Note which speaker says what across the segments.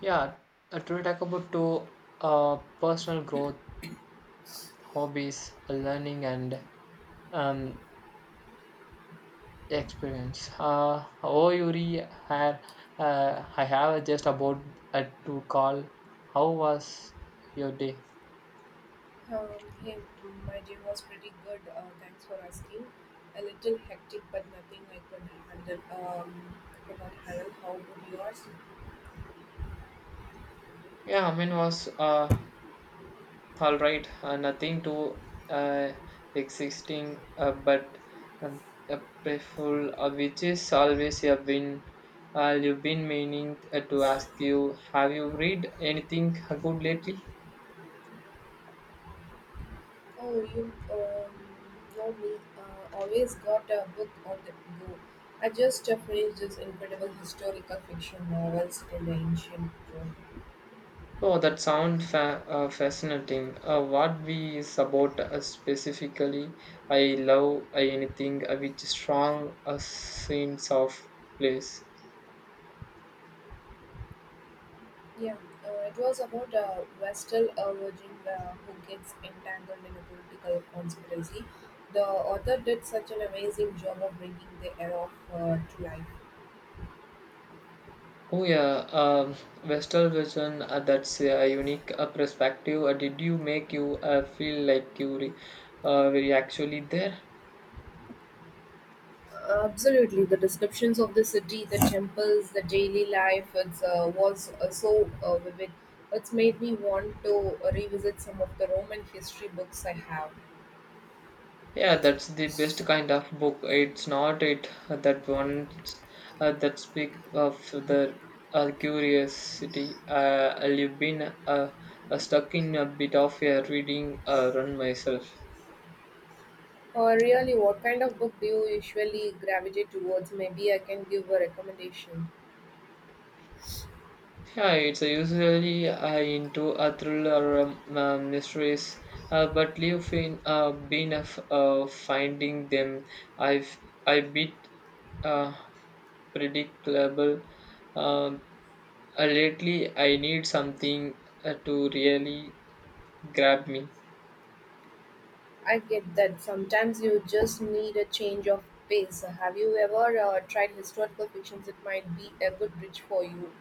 Speaker 1: Yeah, to talk about to personal growth, hobbies, learning, and um, experience. Oh, Yuri, I have just about to call. How was your day?
Speaker 2: Um, hey, my day was pretty good. Thanks for asking. A little hectic, but nothing I could handle. Could not handle. How would yours?
Speaker 1: Yeah, I mean was all right, nothing too uh, existing, but um, playful, which is always a win. You've been meaning to ask you, have you read anything good lately?
Speaker 2: Oh, you know me. Always got a book on the go. I just finished this incredible historical fiction novel set in the ancient Rome.
Speaker 1: Oh, that sounds fascinating. What we is about specifically? I love anything with strong sense of place.
Speaker 2: Yeah, it was about a Vestal a virgin who gets entangled in a political conspiracy. The author did such an amazing job of bringing the era to life.
Speaker 1: Oh yeah, Vestal vision. That's a unique perspective. Did you make you feel like were you actually there?
Speaker 2: Absolutely, the descriptions of the city, the temples, the daily life it's, was so vivid. It's made me want to revisit some of the Roman history books I have.
Speaker 1: Yeah, that's the best kind of book. It's not it that one that speak of the curiosity. I've been stuck in a bit of a reading run myself.
Speaker 2: Really, what kind of book do you usually gravitate towards? Maybe I can give a recommendation.
Speaker 1: Yeah, it's usually into a thriller mysteries, but you've been of finding them. I've I bit uh, predictable. Um, lately, I need something to really grab me.
Speaker 2: I get that sometimes you just need a change of pace. Have you ever tried historical fictions? It might be a good bridge for you.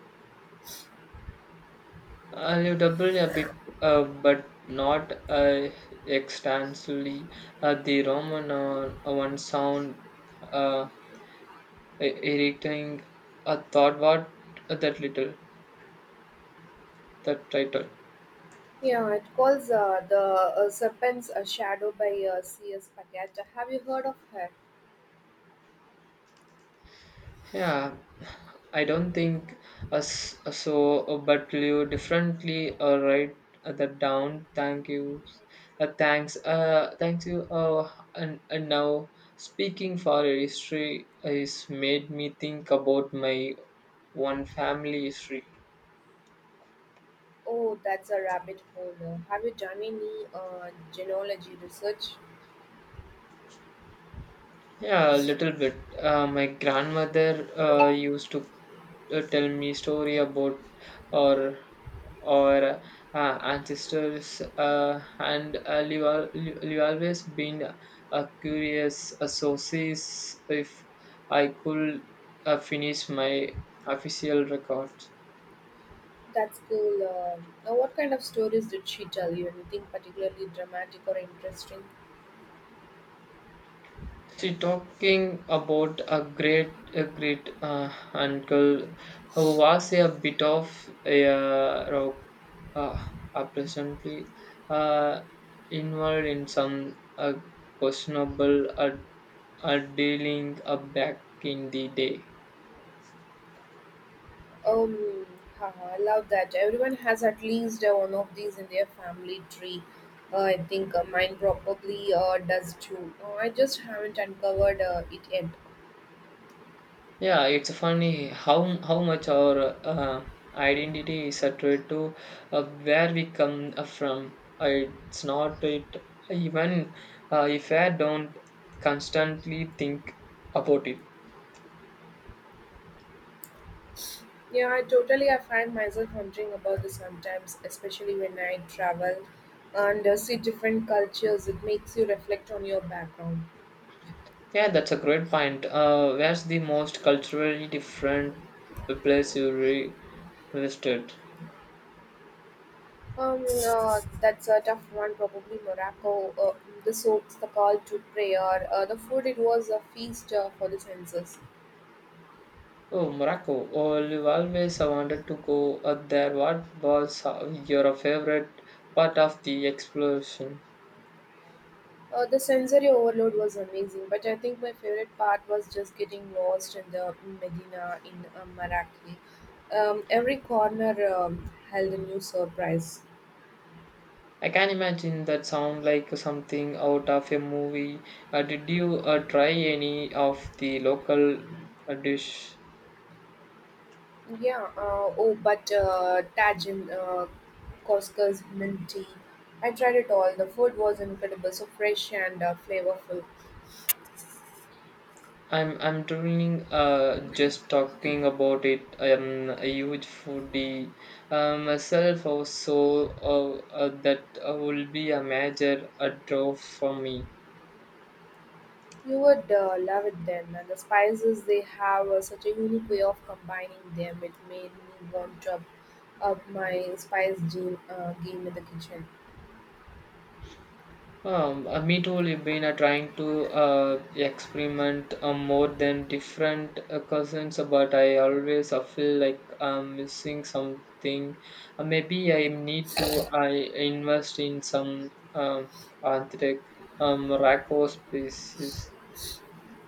Speaker 1: I'll double a bit, but not extensively. The Roman one sound. Uh, editing I thought what that little that title
Speaker 2: Yeah, it calls The Serpent's Shadow by C.S. Paget. Have you heard of her?
Speaker 1: yeah I don't think us so but you differently write that down thank you thanks thanks you and now speaking for a history has made me think about my one family history.
Speaker 2: Oh, that's a rabbit hole. Have you done any genealogy research?
Speaker 1: Yeah, a little bit. My grandmother used to tell me story about or or uh, ancestors, and I've always been curious. So sees if I could finish my official record.
Speaker 2: That's cool. Now, what kind of stories did she tell you? Anything particularly dramatic or interesting?
Speaker 1: See, talking about a great uncle who was a bit of a rock, uh, presently uh, involved in some questionable dealing back in the day.
Speaker 2: Um, Haha, I love that. Everyone has at least one of these in their family tree. I think mine probably does too. I just haven't uncovered it yet.
Speaker 1: Yeah, it's funny how much our identity is attributed to where we come from. It's not it even if I don't constantly think about it.
Speaker 2: Yeah, I totally. I find myself wondering about this sometimes, especially when I travel and see different cultures. It makes you reflect on your background.
Speaker 1: Yeah, that's a great point. Where's the most culturally different place you visited?
Speaker 2: That's a tough one. Probably Morocco. The soaps, the call to prayer, the food. It was a feast for the senses.
Speaker 1: Oh, Morocco. Oh, you always wanted to go there. What was your favorite part of the exploration?
Speaker 2: The sensory overload was amazing, but I think my favorite part was just getting lost in the Medina in Marrakech. Every corner held a new surprise.
Speaker 1: I can imagine that sound like something out of a movie. Did you try any of the local dish?
Speaker 2: Yeah, oh, but Tajin, Costco's mint tea. I tried it all. The food was incredible, so fresh and flavorful.
Speaker 1: I'm drooling just talking about it. I am a huge foodie myself, also uh, that will be a major draw for me.
Speaker 2: You'd love it then, and the spices they have such a unique way of combining them. It made me want to up my spice game, game in the kitchen.
Speaker 1: Me too. We've been trying to experiment more than different cousins, but I always feel like I'm missing something. Maybe I need to I invest in some anthric raco species.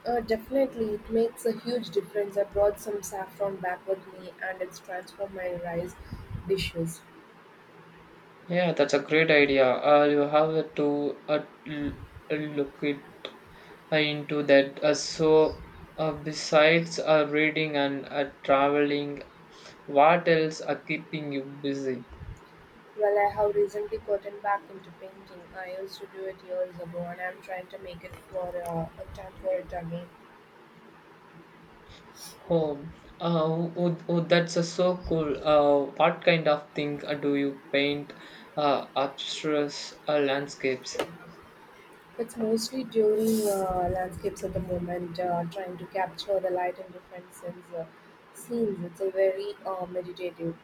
Speaker 2: Definitely, it makes a huge difference. I brought some saffron back with me, and it's transformed my rice dishes.
Speaker 1: Yeah, that's a great idea. You have to look it into that. So, besides reading and traveling, what else are keeping you busy?
Speaker 2: Well, I have recently gotten back into painting. I used to do it years ago, and I'm trying to make it for a time for it again.
Speaker 1: Oh, uh, oh, that's so cool. What kind of thing do you paint? Abstruse landscapes.
Speaker 2: It's mostly doing landscapes at the moment, trying to capture the light in different scenes. It's a very meditative.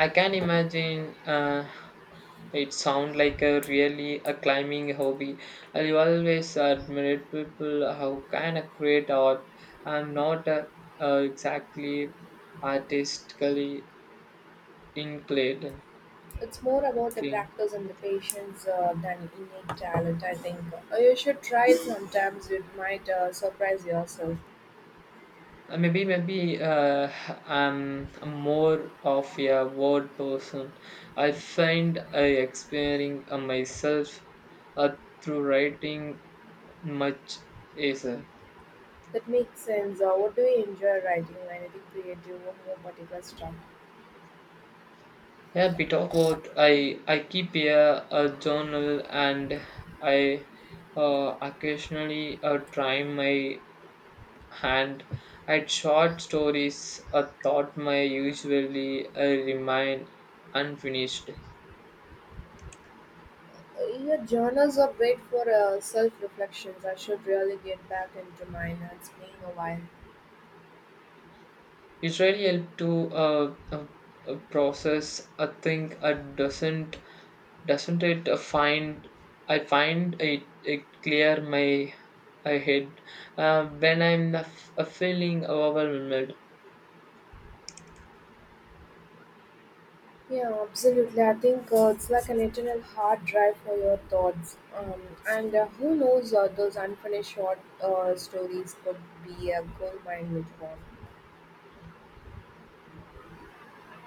Speaker 1: I can imagine. It sounds like a really a climbing hobby. I always admired people how can I create art. I'm not exactly artistically inclined.
Speaker 2: It's more about the
Speaker 1: Inclined.
Speaker 2: practice and the patience than innate talent, I think. You should try it sometimes. It might surprise yourself.
Speaker 1: Maybe I'm, more of a word person. I find I experiencing myself uh, through writing much easier.
Speaker 2: That makes sense. What do you enjoy writing? Anything creative or more particular stuff?
Speaker 1: Yeah, bit of both. I keep a journal and I occasionally try my hand at short stories. A thought my usually remain unfinished.
Speaker 2: Your journals are great for self reflections. I should really get back into mine. It's been a while.
Speaker 1: It really helped to process. I think I doesn't it find I find it, it clear my, I head when I'm feeling overwhelmed.
Speaker 2: Yeah, absolutely. I think it's like an eternal hard drive for your thoughts. And who knows, those unfinished short stories could be a gold mine later on.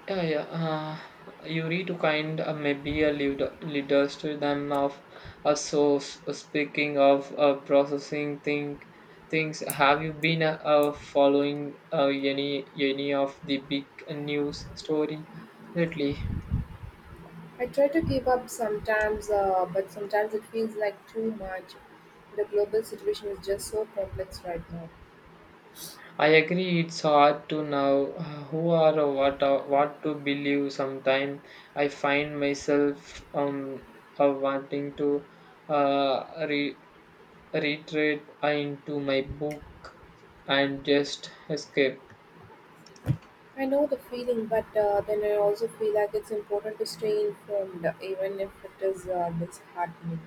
Speaker 1: Yeah, yeah. You need to kind maybe a leader, leaders to them of a source. Speaking of things, have you been following any of the big news story lately?
Speaker 2: I try to keep up sometimes, but sometimes it feels like too much. The global situation is just so complex right now.
Speaker 1: I agree it's hard to know who are or what are, what to believe. Sometimes I find myself wanting to uh, re- retreat into my book and just escape.
Speaker 2: I know the feeling, but then I also feel like it's important to stay informed, even if it is disheartening.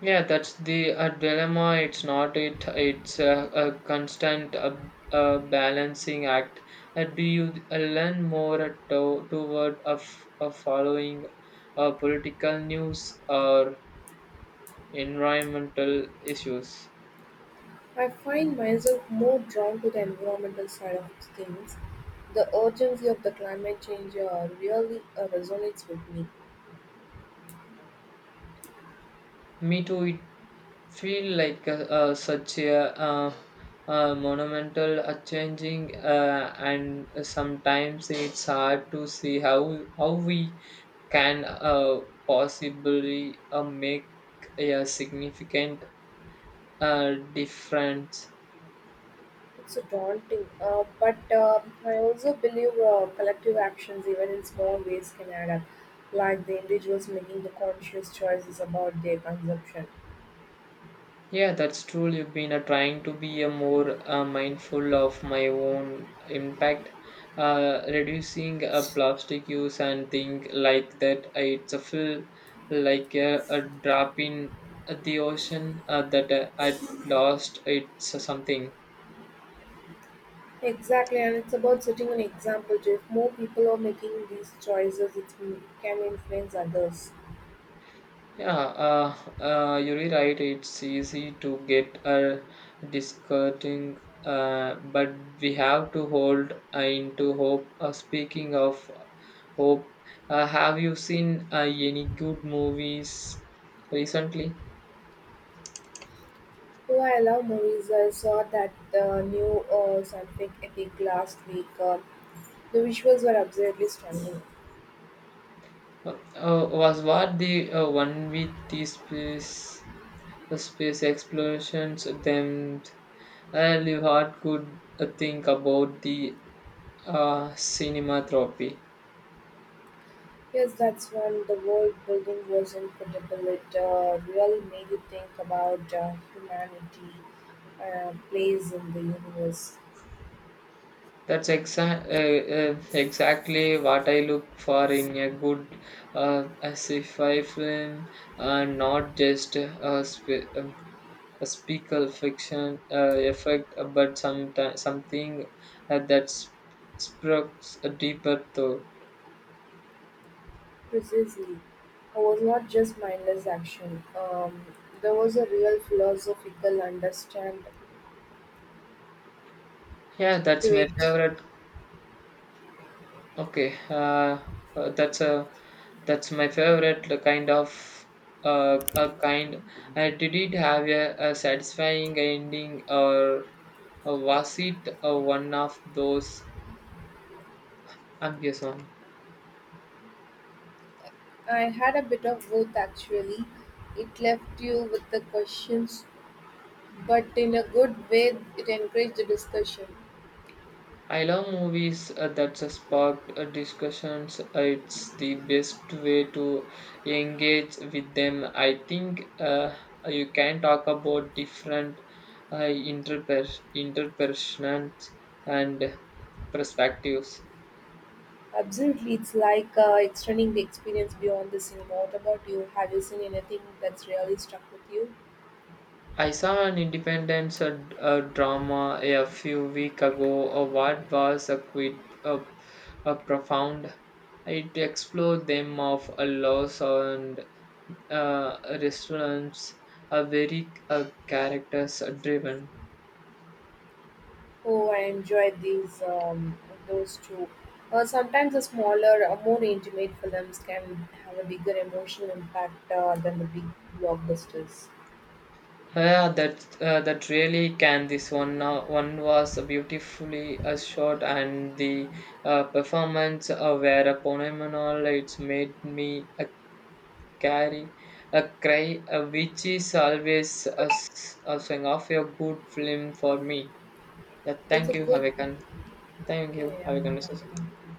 Speaker 1: Yeah, that's the dilemma. It's not it. It's a constant balancing act. Do you learn more toward of following political news or environmental issues?
Speaker 2: I find myself more drawn to the environmental side of things. The urgency of the climate change really resonates with me.
Speaker 1: Me too. It feel like such a monumental changing and sometimes it's hard to see how we can possibly make a significant difference.
Speaker 2: It's so daunting, but I also believe collective actions, even in small ways, can add up, like the individuals making the conscious choices about their consumption.
Speaker 1: Yeah, that's true. You've been trying to be more mindful of my own impact, reducing plastic use and things like that. I, it's a feel like a drop in the ocean that at lost. It's something.
Speaker 2: Exactly, and it's about setting an example. If more people are making these choices, it can influence others.
Speaker 1: Yeah, you're right. It's easy to get discouraging, but we have to hold into hope. Speaking of hope, have you seen any good movies recently?
Speaker 2: While I love movies, I saw that the new scientific epic last week. The visuals were absolutely stunning.
Speaker 1: Was what the one with the space explorations them? I really hard could think about the cinema trophy.
Speaker 2: Yes, that's when the world building was incredible. It really made you think about humanity place in the universe.
Speaker 1: That's exactly what I look for in a good a sci-fi film, not just a speaker fiction effect, but some something uh, that sp- sparks a deeper thought.
Speaker 2: Precisely, it was not just mindless action. There was a real philosophical understand
Speaker 1: Yeah, that's
Speaker 2: to
Speaker 1: my
Speaker 2: it.
Speaker 1: favorite. Okay, that's a that's my favorite kind of a kind. Did it have a satisfying ending, or was it one of those ambiguous ones?
Speaker 2: I had a bit of both actually. It left you with the questions, but in a good way, it encouraged the discussion.
Speaker 1: I love movies that spark discussions. It's the best way to engage with them. I think you can talk about different uh, interpersonal and perspectives.
Speaker 2: Absolutely, it's like extending the experience beyond the cinema. What about you? Have you seen anything that's really stuck with you?
Speaker 1: I saw an independence drama a few weeks ago. What was a quite uh, profound. It explored them of a loss and restaurants are very characters driven.
Speaker 2: Oh, I enjoyed these those two. Sometimes the smaller, more intimate films can have a bigger emotional impact than the big blockbusters.
Speaker 1: Yeah, that really can. This one was beautifully shot, and the performance were phenomenal. It's made me carry a cry, which is always a sign of a good film for me. Yeah,
Speaker 2: That's
Speaker 1: thank
Speaker 2: a
Speaker 1: you.
Speaker 2: good.
Speaker 1: Thank
Speaker 2: Yeah,
Speaker 1: you. Have a
Speaker 2: yeah,
Speaker 1: conversation.
Speaker 2: yeah.